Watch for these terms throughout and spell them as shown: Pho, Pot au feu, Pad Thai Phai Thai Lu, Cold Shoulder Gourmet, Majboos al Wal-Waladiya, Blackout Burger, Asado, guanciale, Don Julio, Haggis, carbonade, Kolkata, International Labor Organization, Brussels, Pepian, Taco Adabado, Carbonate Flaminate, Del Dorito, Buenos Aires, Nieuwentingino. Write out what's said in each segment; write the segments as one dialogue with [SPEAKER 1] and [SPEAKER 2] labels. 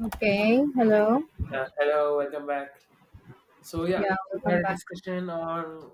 [SPEAKER 1] Okay, hello.
[SPEAKER 2] Hello, welcome back. So yeah,
[SPEAKER 1] Yeah,
[SPEAKER 2] we
[SPEAKER 1] welcome
[SPEAKER 2] had a
[SPEAKER 1] back.
[SPEAKER 2] discussion on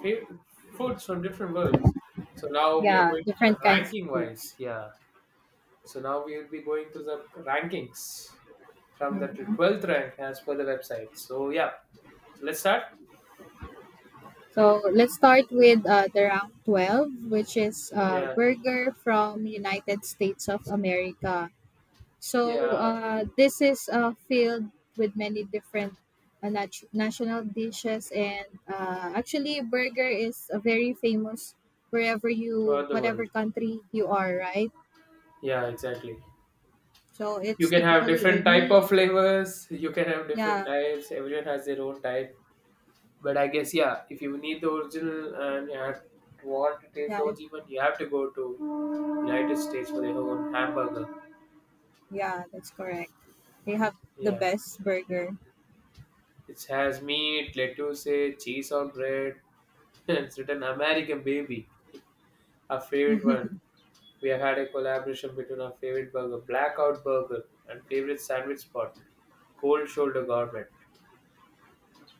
[SPEAKER 2] fa- foods from different worlds. So now we are
[SPEAKER 1] Yeah,
[SPEAKER 2] going to the
[SPEAKER 1] different kinds of
[SPEAKER 2] ranking wise.
[SPEAKER 1] foods.
[SPEAKER 2] Yeah. So now we will be going to the rankings from the
[SPEAKER 1] Mhm.
[SPEAKER 2] twelfth rank as per the website. So yeah. So let's start.
[SPEAKER 1] So let's start with the rank 12, which is
[SPEAKER 2] Yeah.
[SPEAKER 1] burger from United States of America. So
[SPEAKER 2] Yeah.
[SPEAKER 1] this is filled with many different national dishes and actually burger is a very famous wherever
[SPEAKER 2] Throughout the
[SPEAKER 1] whatever
[SPEAKER 2] world.
[SPEAKER 1] country you are, right?
[SPEAKER 2] Yeah. Exactly.
[SPEAKER 1] So
[SPEAKER 2] You
[SPEAKER 1] it's
[SPEAKER 2] can have
[SPEAKER 1] typically
[SPEAKER 2] different
[SPEAKER 1] a
[SPEAKER 2] type of
[SPEAKER 1] meat.
[SPEAKER 2] flavors. You can have different
[SPEAKER 1] Yeah,
[SPEAKER 2] types. Everyone has their own type. But I guess yeah, if you need the original and you have, want to taste
[SPEAKER 1] yeah,
[SPEAKER 2] those even, you have to go to United States for their own hamburger.
[SPEAKER 1] yeah, that's correct. They have the
[SPEAKER 2] Yeah,
[SPEAKER 1] best burger.
[SPEAKER 2] it has meat, lettuce, cheese or bread. It's written American Baby, our favorite one. We have had a collaboration between our favorite burger, Blackout Burger, and favorite sandwich spot, Cold Shoulder Gourmet.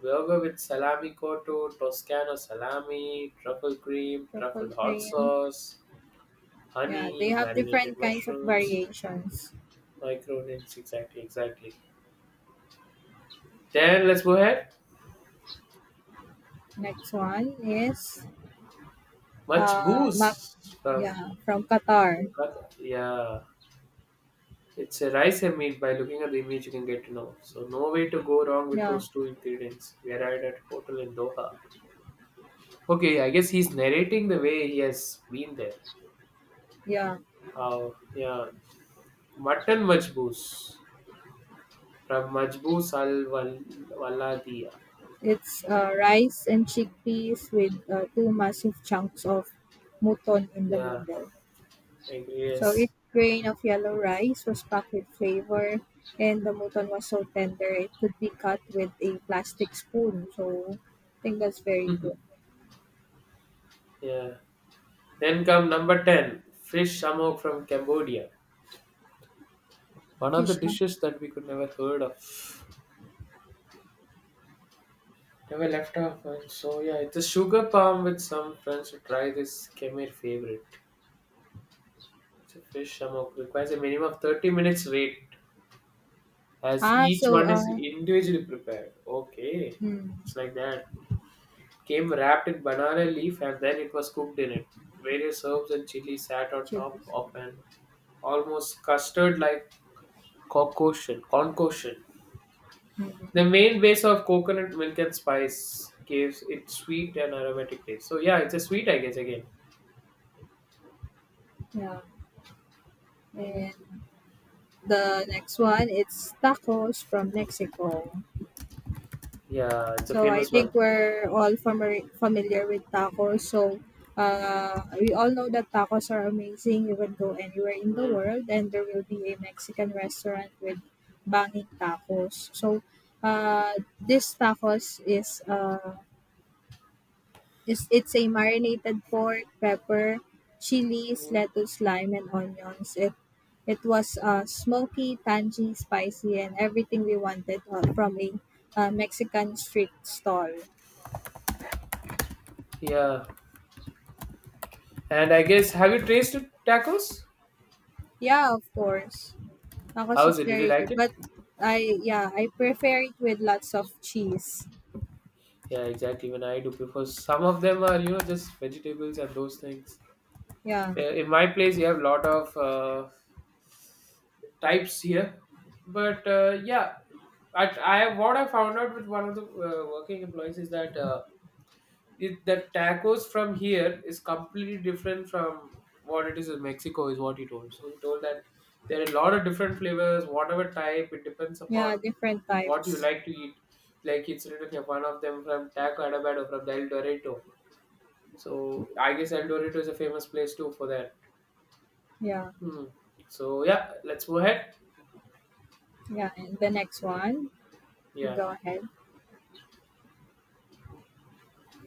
[SPEAKER 2] Burger with salami cotto, Toscano salami, truffle cream,
[SPEAKER 1] Truffle
[SPEAKER 2] truffle hot
[SPEAKER 1] cream.
[SPEAKER 2] sauce,
[SPEAKER 1] Yeah, they
[SPEAKER 2] honey,
[SPEAKER 1] have
[SPEAKER 2] marinated
[SPEAKER 1] different kinds of
[SPEAKER 2] mushrooms,
[SPEAKER 1] variations.
[SPEAKER 2] microgreens. Exactly, exactly. Then let's go ahead.
[SPEAKER 1] Next one is
[SPEAKER 2] Much
[SPEAKER 1] mac
[SPEAKER 2] booze from
[SPEAKER 1] yeah, from Qatar.
[SPEAKER 2] Kolkata. Yeah, it's a rice and meat. By looking at the image, you can get to know. So no way to go wrong with
[SPEAKER 1] Yeah,
[SPEAKER 2] those two ingredients. We arrived at hotel in Doha. Okay, I guess he's narrating the way he has been there.
[SPEAKER 1] yeah.
[SPEAKER 2] How yeah, mutton majboos from Majboos al Waladiya.
[SPEAKER 1] It's rice and chickpeas with two massive chunks of mutton in the
[SPEAKER 2] Yeah,
[SPEAKER 1] middle.
[SPEAKER 2] I agree.
[SPEAKER 1] So
[SPEAKER 2] Yes.
[SPEAKER 1] each grain of yellow rice was packed with flavor and the mutton was so tender it could be cut with a plastic spoon. So I think that's very good.
[SPEAKER 2] Yeah. Then come number 10, fish samok from Cambodia. One of the
[SPEAKER 1] Fish
[SPEAKER 2] dishes that we could never heard of. Never left off, and so yeah, it's a sugar palm with some friends to try this Khmer favorite. It's a fish samok. Requires a minimum of 30 minutes wait as
[SPEAKER 1] Ah,
[SPEAKER 2] each
[SPEAKER 1] so,
[SPEAKER 2] one is individually prepared. Okay.
[SPEAKER 1] hmm,
[SPEAKER 2] It's like that. Came wrapped in banana leaf and then it was cooked in it. Various herbs and chili sat on
[SPEAKER 1] Chili.
[SPEAKER 2] top of an almost custard like concoction. Concoction. The
[SPEAKER 1] Mhm,
[SPEAKER 2] main base of coconut milk and spice gives it sweet and aromatic taste. So yeah, it's a sweet, I guess. Again,
[SPEAKER 1] yeah. And the next one, it's tacos from Mexico.
[SPEAKER 2] yeah, it's a
[SPEAKER 1] So I
[SPEAKER 2] famous
[SPEAKER 1] think
[SPEAKER 2] one.
[SPEAKER 1] we're all familiar with tacos. So we all know that tacos are amazing. You can go anywhere in the
[SPEAKER 2] Mm.
[SPEAKER 1] world, and there will be a Mexican restaurant with banging tacos. So uh, this tacos is it's a marinated pork, pepper, chilies, lettuce, lime, and onions. It was smoky, tangy, spicy, and everything we wanted from a Mexican street stall.
[SPEAKER 2] Yeah, and I guess have you tasted tacos?
[SPEAKER 1] Yeah, of course,
[SPEAKER 2] How
[SPEAKER 1] tacos
[SPEAKER 2] is
[SPEAKER 1] is
[SPEAKER 2] it? Did you
[SPEAKER 1] very
[SPEAKER 2] like
[SPEAKER 1] good,
[SPEAKER 2] it?
[SPEAKER 1] but I yeah, I prefer it with lots of cheese.
[SPEAKER 2] Yeah, exactly. Even I do prefer. Some of them are you know just vegetables and those things.
[SPEAKER 1] Yeah,
[SPEAKER 2] In my place, you have a lot of types here, but yeah, I what I found out with one of the working employees is that. It, the tacos from here is completely different from what it is in Mexico, is what he told. So he told that there are a lot of different flavors, whatever type, it depends upon
[SPEAKER 1] yeah, different
[SPEAKER 2] what you
[SPEAKER 1] types.
[SPEAKER 2] like to eat. Like it's written here, one of them from Taco Adabado from Del Dorito. So I guess El Dorito is a famous place too for that.
[SPEAKER 1] Yeah,
[SPEAKER 2] Hmm. So yeah, let's go ahead.
[SPEAKER 1] yeah, and the next
[SPEAKER 2] Yeah,
[SPEAKER 1] one, you
[SPEAKER 2] yeah,
[SPEAKER 1] go ahead.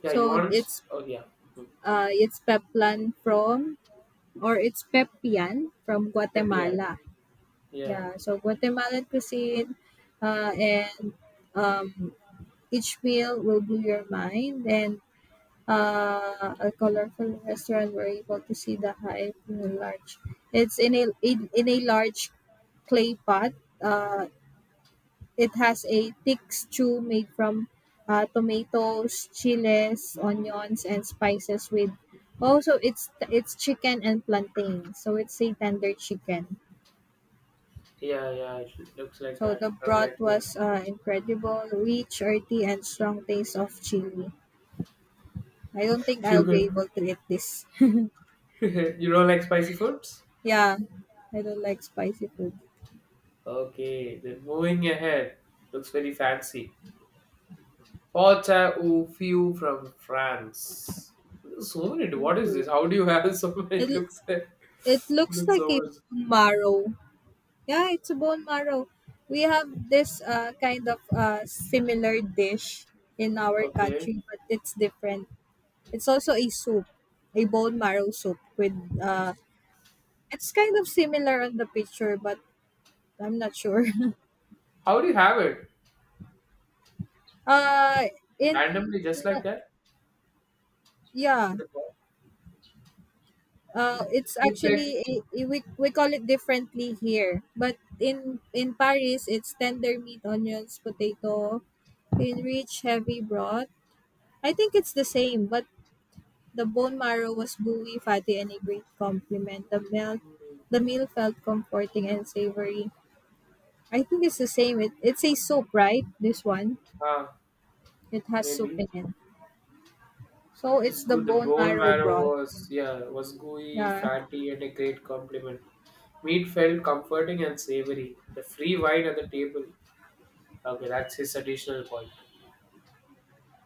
[SPEAKER 2] yeah. You
[SPEAKER 1] So
[SPEAKER 2] want? Oh yeah. Hmm.
[SPEAKER 1] it's Peplan from or it's Pepian from
[SPEAKER 2] Yeah,
[SPEAKER 1] Guatemala.
[SPEAKER 2] yeah.
[SPEAKER 1] Yeah, so Guatemalan cuisine, and um, each meal will blow your mind. And a colorful restaurant where you're able to see the hive in a large. It's in a large clay pot. Uh, it has a thick stew made from tomatoes, chiles,
[SPEAKER 2] Hmm.
[SPEAKER 1] onions, and spices with. Also, it's chicken and plantain, so it's a tender chicken.
[SPEAKER 2] Yeah, yeah. It looks like
[SPEAKER 1] So
[SPEAKER 2] that.
[SPEAKER 1] the
[SPEAKER 2] I'm like,
[SPEAKER 1] broth
[SPEAKER 2] oh,
[SPEAKER 1] was incredible, rich, earthy, and strong taste of chili. I don't think
[SPEAKER 2] you
[SPEAKER 1] I'll be
[SPEAKER 2] could.
[SPEAKER 1] able to eat this.
[SPEAKER 2] You don't like spicy foods?
[SPEAKER 1] Yeah, I don't like spicy food.
[SPEAKER 2] Okay, then moving ahead. Looks very fancy. Porta au feu from France. So many. What is this?
[SPEAKER 1] Ooh.
[SPEAKER 2] How do you have so many? It
[SPEAKER 1] It
[SPEAKER 2] looks like,
[SPEAKER 1] it looks
[SPEAKER 2] looks
[SPEAKER 1] like
[SPEAKER 2] so
[SPEAKER 1] a
[SPEAKER 2] much.
[SPEAKER 1] bone marrow. Yeah, it's a bone marrow. We have this kind of similar dish in our
[SPEAKER 2] Okay.
[SPEAKER 1] country, but it's different. It's also a soup, a bone marrow soup with uh, it's kind of similar on the picture, but I'm not sure.
[SPEAKER 2] How do you have it?
[SPEAKER 1] Uh, in
[SPEAKER 2] Randomly, just like that?
[SPEAKER 1] Yeah,
[SPEAKER 2] With the pork? It
[SPEAKER 1] it's
[SPEAKER 2] just looks like.
[SPEAKER 1] actually a, we call it differently here, but in Paris it's tender meat, onions, potato, in rich heavy broth. I think it's the same, but the bone marrow was buoy, fatty, and a great compliment.
[SPEAKER 2] Hmm,
[SPEAKER 1] The meal felt comforting and savory. I think it's the same. It's a soup, right? This one,
[SPEAKER 2] ah,
[SPEAKER 1] it has soup
[SPEAKER 2] maybe.
[SPEAKER 1] in it. So
[SPEAKER 2] The,
[SPEAKER 1] it's the
[SPEAKER 2] sco- the
[SPEAKER 1] bone
[SPEAKER 2] bone
[SPEAKER 1] marrow
[SPEAKER 2] marrow
[SPEAKER 1] broth.
[SPEAKER 2] was yeah was gooey,
[SPEAKER 1] Yeah,
[SPEAKER 2] fatty, and a great compliment. Meat felt comforting and savory. The free wine at the table. Okay, that's his additional point.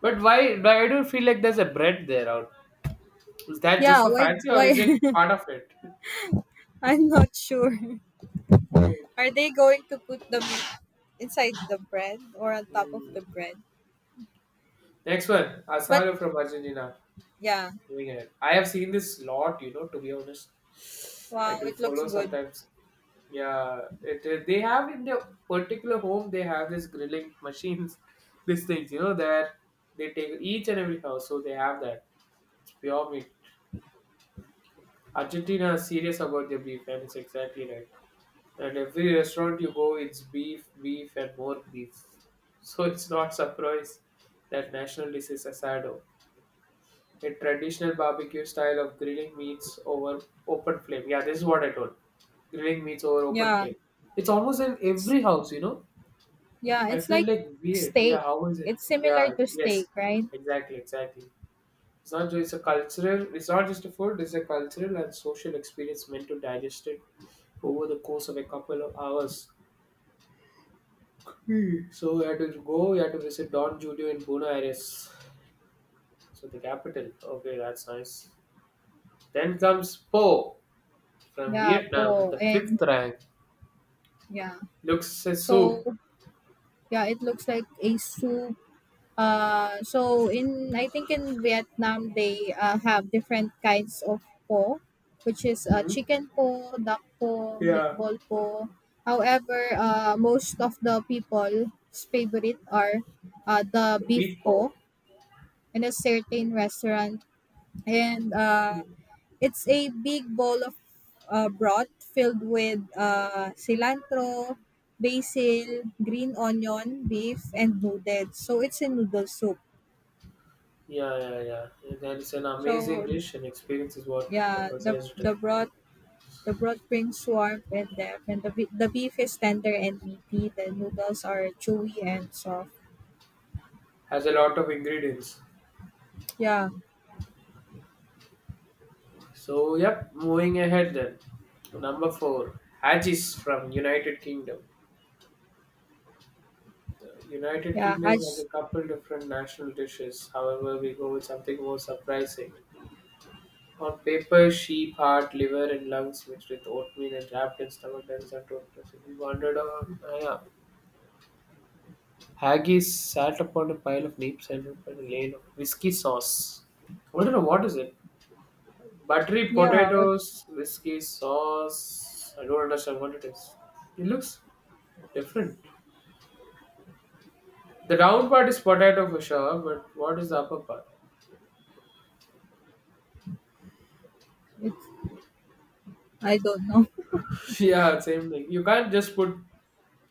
[SPEAKER 2] But why do you feel like there's a bread there out? Is that just
[SPEAKER 1] yeah.
[SPEAKER 2] for fancy or
[SPEAKER 1] Why?
[SPEAKER 2] is it part of it?
[SPEAKER 1] I'm not sure. Are they going to put them inside the bread or on top of
[SPEAKER 2] Hmm.
[SPEAKER 1] the bread?
[SPEAKER 2] Next one,
[SPEAKER 1] But
[SPEAKER 2] Asaro from Argentina.
[SPEAKER 1] yeah,
[SPEAKER 2] Doing it. I have seen this lot, you know, to be honest. I
[SPEAKER 1] wow,
[SPEAKER 2] do
[SPEAKER 1] it looks
[SPEAKER 2] follow
[SPEAKER 1] good.
[SPEAKER 2] sometimes. Yeah, they have in their particular home, they have this grilling machines, these things, you know, that they take each and every house, so they have that. It's pure meat. Argentina is serious about their beef, and it's exactly right. And every restaurant you go, it's beef, beef, and more beef. So it's not surprise that national dish is asado. A traditional barbecue style of grilling meats over open flame. Yeah, this is what I told. Grilling meats over open
[SPEAKER 1] Yeah,
[SPEAKER 2] flame. It's almost in every house, you know.
[SPEAKER 1] yeah,
[SPEAKER 2] I
[SPEAKER 1] it's
[SPEAKER 2] feel
[SPEAKER 1] like
[SPEAKER 2] like weird. Yeah,
[SPEAKER 1] steak.
[SPEAKER 2] how is it?
[SPEAKER 1] It's similar
[SPEAKER 2] Yeah,
[SPEAKER 1] to steak,
[SPEAKER 2] yes,
[SPEAKER 1] right?
[SPEAKER 2] exactly, exactly. It's not just a cultural. It's not just a food. It's a cultural and social experience meant to digest it over the course of a couple of hours. Hmm. So we had to go. We had to visit Don Julio in Buenos Aires, so the capital. Okay, that's nice. Then comes Po. From
[SPEAKER 1] Yeah,
[SPEAKER 2] Vietnam,
[SPEAKER 1] po.
[SPEAKER 2] the
[SPEAKER 1] And
[SPEAKER 2] fifth rank
[SPEAKER 1] yeah,
[SPEAKER 2] looks a
[SPEAKER 1] so
[SPEAKER 2] soup.
[SPEAKER 1] yeah, it looks like a soup. So in I think in Vietnam they have different kinds of po, which is
[SPEAKER 2] Hmm?
[SPEAKER 1] chicken po, duck po,
[SPEAKER 2] Yeah.
[SPEAKER 1] meatball po. However, most of the people's favorite are the beef
[SPEAKER 2] Beef
[SPEAKER 1] po
[SPEAKER 2] pork.
[SPEAKER 1] in a certain restaurant, and it's a big bowl of broth filled with cilantro, basil, green onion, beef, and noodles. So it's a noodle soup.
[SPEAKER 2] Yeah, yeah, yeah, yeah. That is an amazing
[SPEAKER 1] So
[SPEAKER 2] dish, and experience is what the
[SPEAKER 1] yeah,
[SPEAKER 2] person
[SPEAKER 1] the
[SPEAKER 2] is doing.
[SPEAKER 1] the broth the broth brings warmth and depth, and the beef is tender and meaty. The noodles are chewy and soft.
[SPEAKER 2] Has a lot of ingredients.
[SPEAKER 1] Yeah,
[SPEAKER 2] So, yep, moving ahead then. Number four, Haggis from United Kingdom. The United
[SPEAKER 1] yeah,
[SPEAKER 2] Kingdom has a
[SPEAKER 1] haj,
[SPEAKER 2] couple different national dishes. However, we go with something more surprising. On paper, sheep heart, liver, and lungs mixed with oatmeal and wrapped in stomach and sent to a press. He wandered on. Yeah. Haggis sat upon a pile of neat sandwich and a lane of whiskey sauce. I don't know what is it. Buttery
[SPEAKER 1] yeah. What
[SPEAKER 2] potatoes, whiskey sauce. I don't understand what it is. It looks different. The down part is potato for sure, but what is the upper part?
[SPEAKER 1] it's I don't know.
[SPEAKER 2] Yeah, same thing. You can't just put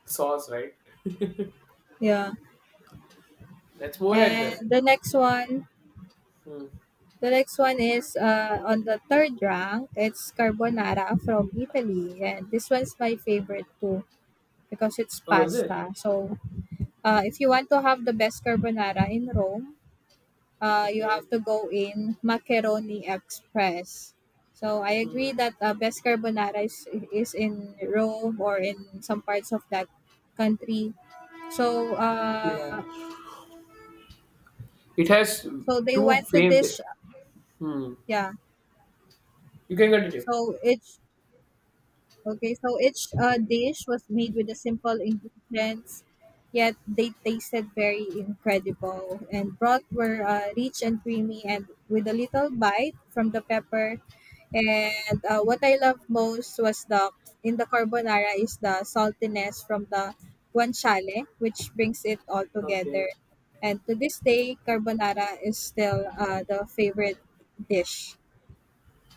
[SPEAKER 2] sauce, right?
[SPEAKER 1] Yeah,
[SPEAKER 2] Let's move ahead then.
[SPEAKER 1] and
[SPEAKER 2] Hmm.
[SPEAKER 1] the next one is on the third rank. It's carbonara from Italy, and this one's my favorite too because it's
[SPEAKER 2] Oh, is it?
[SPEAKER 1] pasta. So if you want to have the best carbonara in Rome, you
[SPEAKER 2] Okay.
[SPEAKER 1] have to go in macaroni express. So I agree
[SPEAKER 2] Hmm.
[SPEAKER 1] that best carbonara is in Rome or in some parts of that country. So
[SPEAKER 2] Yeah. It has
[SPEAKER 1] so they
[SPEAKER 2] two
[SPEAKER 1] went to
[SPEAKER 2] famed.
[SPEAKER 1] this
[SPEAKER 2] Hmm.
[SPEAKER 1] yeah.
[SPEAKER 2] You can continue.
[SPEAKER 1] So it's okay, so each dish was made with the simple ingredients, yet they tasted very incredible. And broth were rich and creamy, and with a little bite from the pepper. And what I love most was the in the carbonara is the saltiness from the guanciale, which brings it all
[SPEAKER 2] Okay.
[SPEAKER 1] together. And to this day, carbonara is still the favorite dish,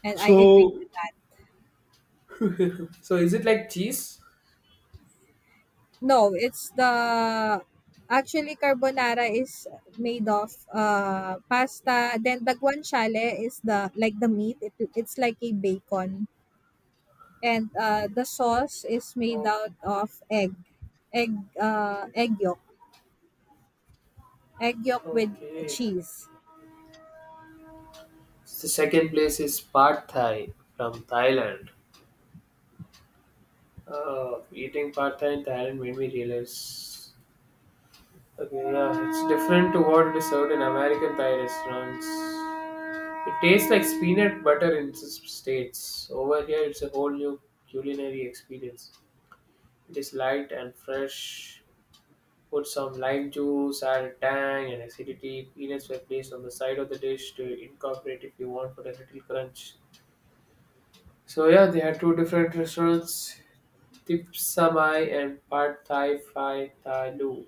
[SPEAKER 1] and I agree
[SPEAKER 2] So,
[SPEAKER 1] with that.
[SPEAKER 2] so is it like cheese?
[SPEAKER 1] No, it's the actually carbonara is made of pasta. Then daguan shale is the like the meat. It's like a bacon, and the sauce is made
[SPEAKER 2] Oh,
[SPEAKER 1] out of egg, uh, egg yolk, egg yolk with
[SPEAKER 2] okay.
[SPEAKER 1] cheese.
[SPEAKER 2] The second place is Pad Thai from Thailand. Eating Pad Thai in Thailand made me realize. Okay, yeah, it's different to what it is served in American Thai restaurants. It tastes like peanut butter in states. Over here, it's a whole new culinary experience. This light and fresh. Put some lime juice, add a tang and acidity. Peanuts were placed on the side of the dish to incorporate if you want for a little crunch. So yeah, they had two different restaurants, Tip Samai and Pad Thai Phai Thai Lu.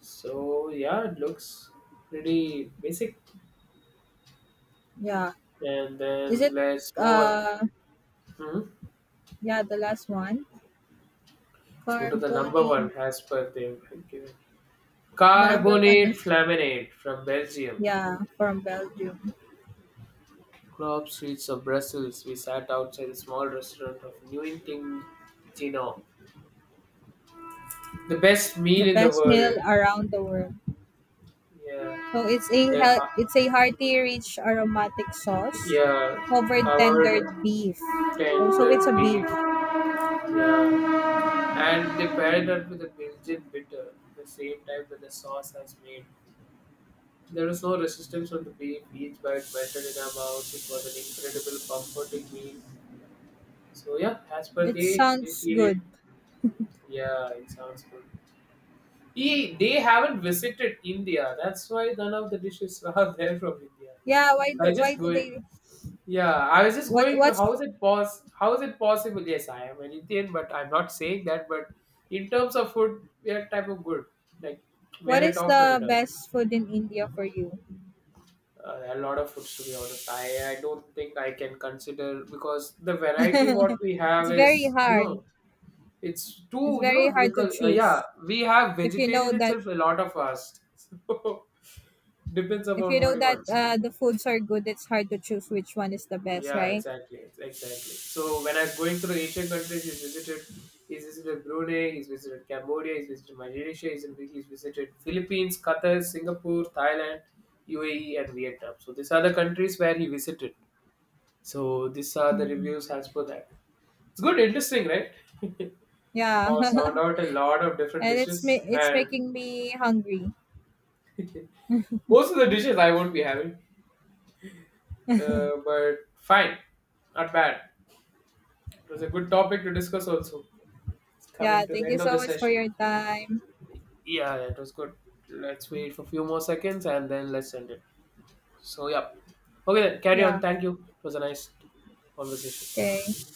[SPEAKER 2] So yeah, it looks pretty basic.
[SPEAKER 1] Yeah,
[SPEAKER 2] And
[SPEAKER 1] is it?
[SPEAKER 2] then let's move.
[SPEAKER 1] Uh,
[SPEAKER 2] Hmm?
[SPEAKER 1] yeah, the last one,
[SPEAKER 2] Let's move to the number one
[SPEAKER 1] carbonade.
[SPEAKER 2] as per they've given.
[SPEAKER 1] The number one
[SPEAKER 2] Carbonate
[SPEAKER 1] is
[SPEAKER 2] Flaminate from Belgium.
[SPEAKER 1] yeah from Belgium.
[SPEAKER 2] Club streets of Brussels, we sat outside a small restaurant of Nieuwentingino. The best meal
[SPEAKER 1] The
[SPEAKER 2] in the
[SPEAKER 1] best meal
[SPEAKER 2] world.
[SPEAKER 1] around the world. So
[SPEAKER 2] Yeah,
[SPEAKER 1] it's a
[SPEAKER 2] they
[SPEAKER 1] hea-
[SPEAKER 2] ha-
[SPEAKER 1] it's a hearty,
[SPEAKER 2] mm,
[SPEAKER 1] rich, aromatic sauce
[SPEAKER 2] yeah,
[SPEAKER 1] covered
[SPEAKER 2] covered
[SPEAKER 1] tendered beef. Oh, so it's a
[SPEAKER 2] tender
[SPEAKER 1] beef.
[SPEAKER 2] beef. Yeah, and they paired it with a Belgian bitter, the same type that the sauce has made. There was no resistance from the beef. Each bite melted in our mouth. It was an incredible, comforting meal. So yeah, as per
[SPEAKER 1] It
[SPEAKER 2] they
[SPEAKER 1] sounds
[SPEAKER 2] feel it.
[SPEAKER 1] good.
[SPEAKER 2] Yeah, it sounds good. He, they haven't visited India. That's why none of the dishes are there from India.
[SPEAKER 1] Yeah.
[SPEAKER 2] So I
[SPEAKER 1] Why
[SPEAKER 2] just
[SPEAKER 1] do they
[SPEAKER 2] going, yeah, I was just going through
[SPEAKER 1] what's
[SPEAKER 2] how is it possible? Yes, I am an Indian, but I'm not saying that. But in terms of food, we are type of good. Like we
[SPEAKER 1] what
[SPEAKER 2] are a
[SPEAKER 1] is
[SPEAKER 2] top
[SPEAKER 1] the
[SPEAKER 2] contender.
[SPEAKER 1] best food in India for you?
[SPEAKER 2] A lot of foods to be honest. I don't think I can consider because the variety what we
[SPEAKER 1] It's
[SPEAKER 2] have
[SPEAKER 1] very
[SPEAKER 2] is you
[SPEAKER 1] hard.
[SPEAKER 2] know it's
[SPEAKER 1] It's
[SPEAKER 2] too you
[SPEAKER 1] very
[SPEAKER 2] know
[SPEAKER 1] hard to
[SPEAKER 2] because yeah
[SPEAKER 1] choose.
[SPEAKER 2] we have
[SPEAKER 1] If you know
[SPEAKER 2] vegetarian
[SPEAKER 1] that
[SPEAKER 2] itself a lot of us. So depends
[SPEAKER 1] if
[SPEAKER 2] upon
[SPEAKER 1] you
[SPEAKER 2] what
[SPEAKER 1] know
[SPEAKER 2] he
[SPEAKER 1] that
[SPEAKER 2] wants.
[SPEAKER 1] the foods are good, it's hard to choose which one is the best,
[SPEAKER 2] Yeah,
[SPEAKER 1] right?
[SPEAKER 2] exactly. Exactly. So when I was going through Asian countries, he's visited Brunei, he's visited Cambodia, he's visited Malaysia, he's visited Philippines, Qatar, Singapore, Thailand, UAE, and Vietnam. So these are the countries where he visited. So these are the
[SPEAKER 1] Hmm.
[SPEAKER 2] reviews as per that. It's good, interesting, right?
[SPEAKER 1] Yeah.
[SPEAKER 2] For sound out a lot of different
[SPEAKER 1] And it's
[SPEAKER 2] dishes
[SPEAKER 1] ma- it's
[SPEAKER 2] and
[SPEAKER 1] making me hungry.
[SPEAKER 2] most of the dishes I won't be having, but fine, not bad. It was a good topic to discuss also. It's
[SPEAKER 1] Yeah,
[SPEAKER 2] coming to the
[SPEAKER 1] thank you
[SPEAKER 2] end of
[SPEAKER 1] so
[SPEAKER 2] the
[SPEAKER 1] much for
[SPEAKER 2] session.
[SPEAKER 1] your time.
[SPEAKER 2] Yeah, yeah, it was good. Let's wait for a few more seconds and then let's end it. So, yeah. Okay, then, carry on.
[SPEAKER 1] Yeah,
[SPEAKER 2] Thank you. It was a nice conversation.
[SPEAKER 1] okay.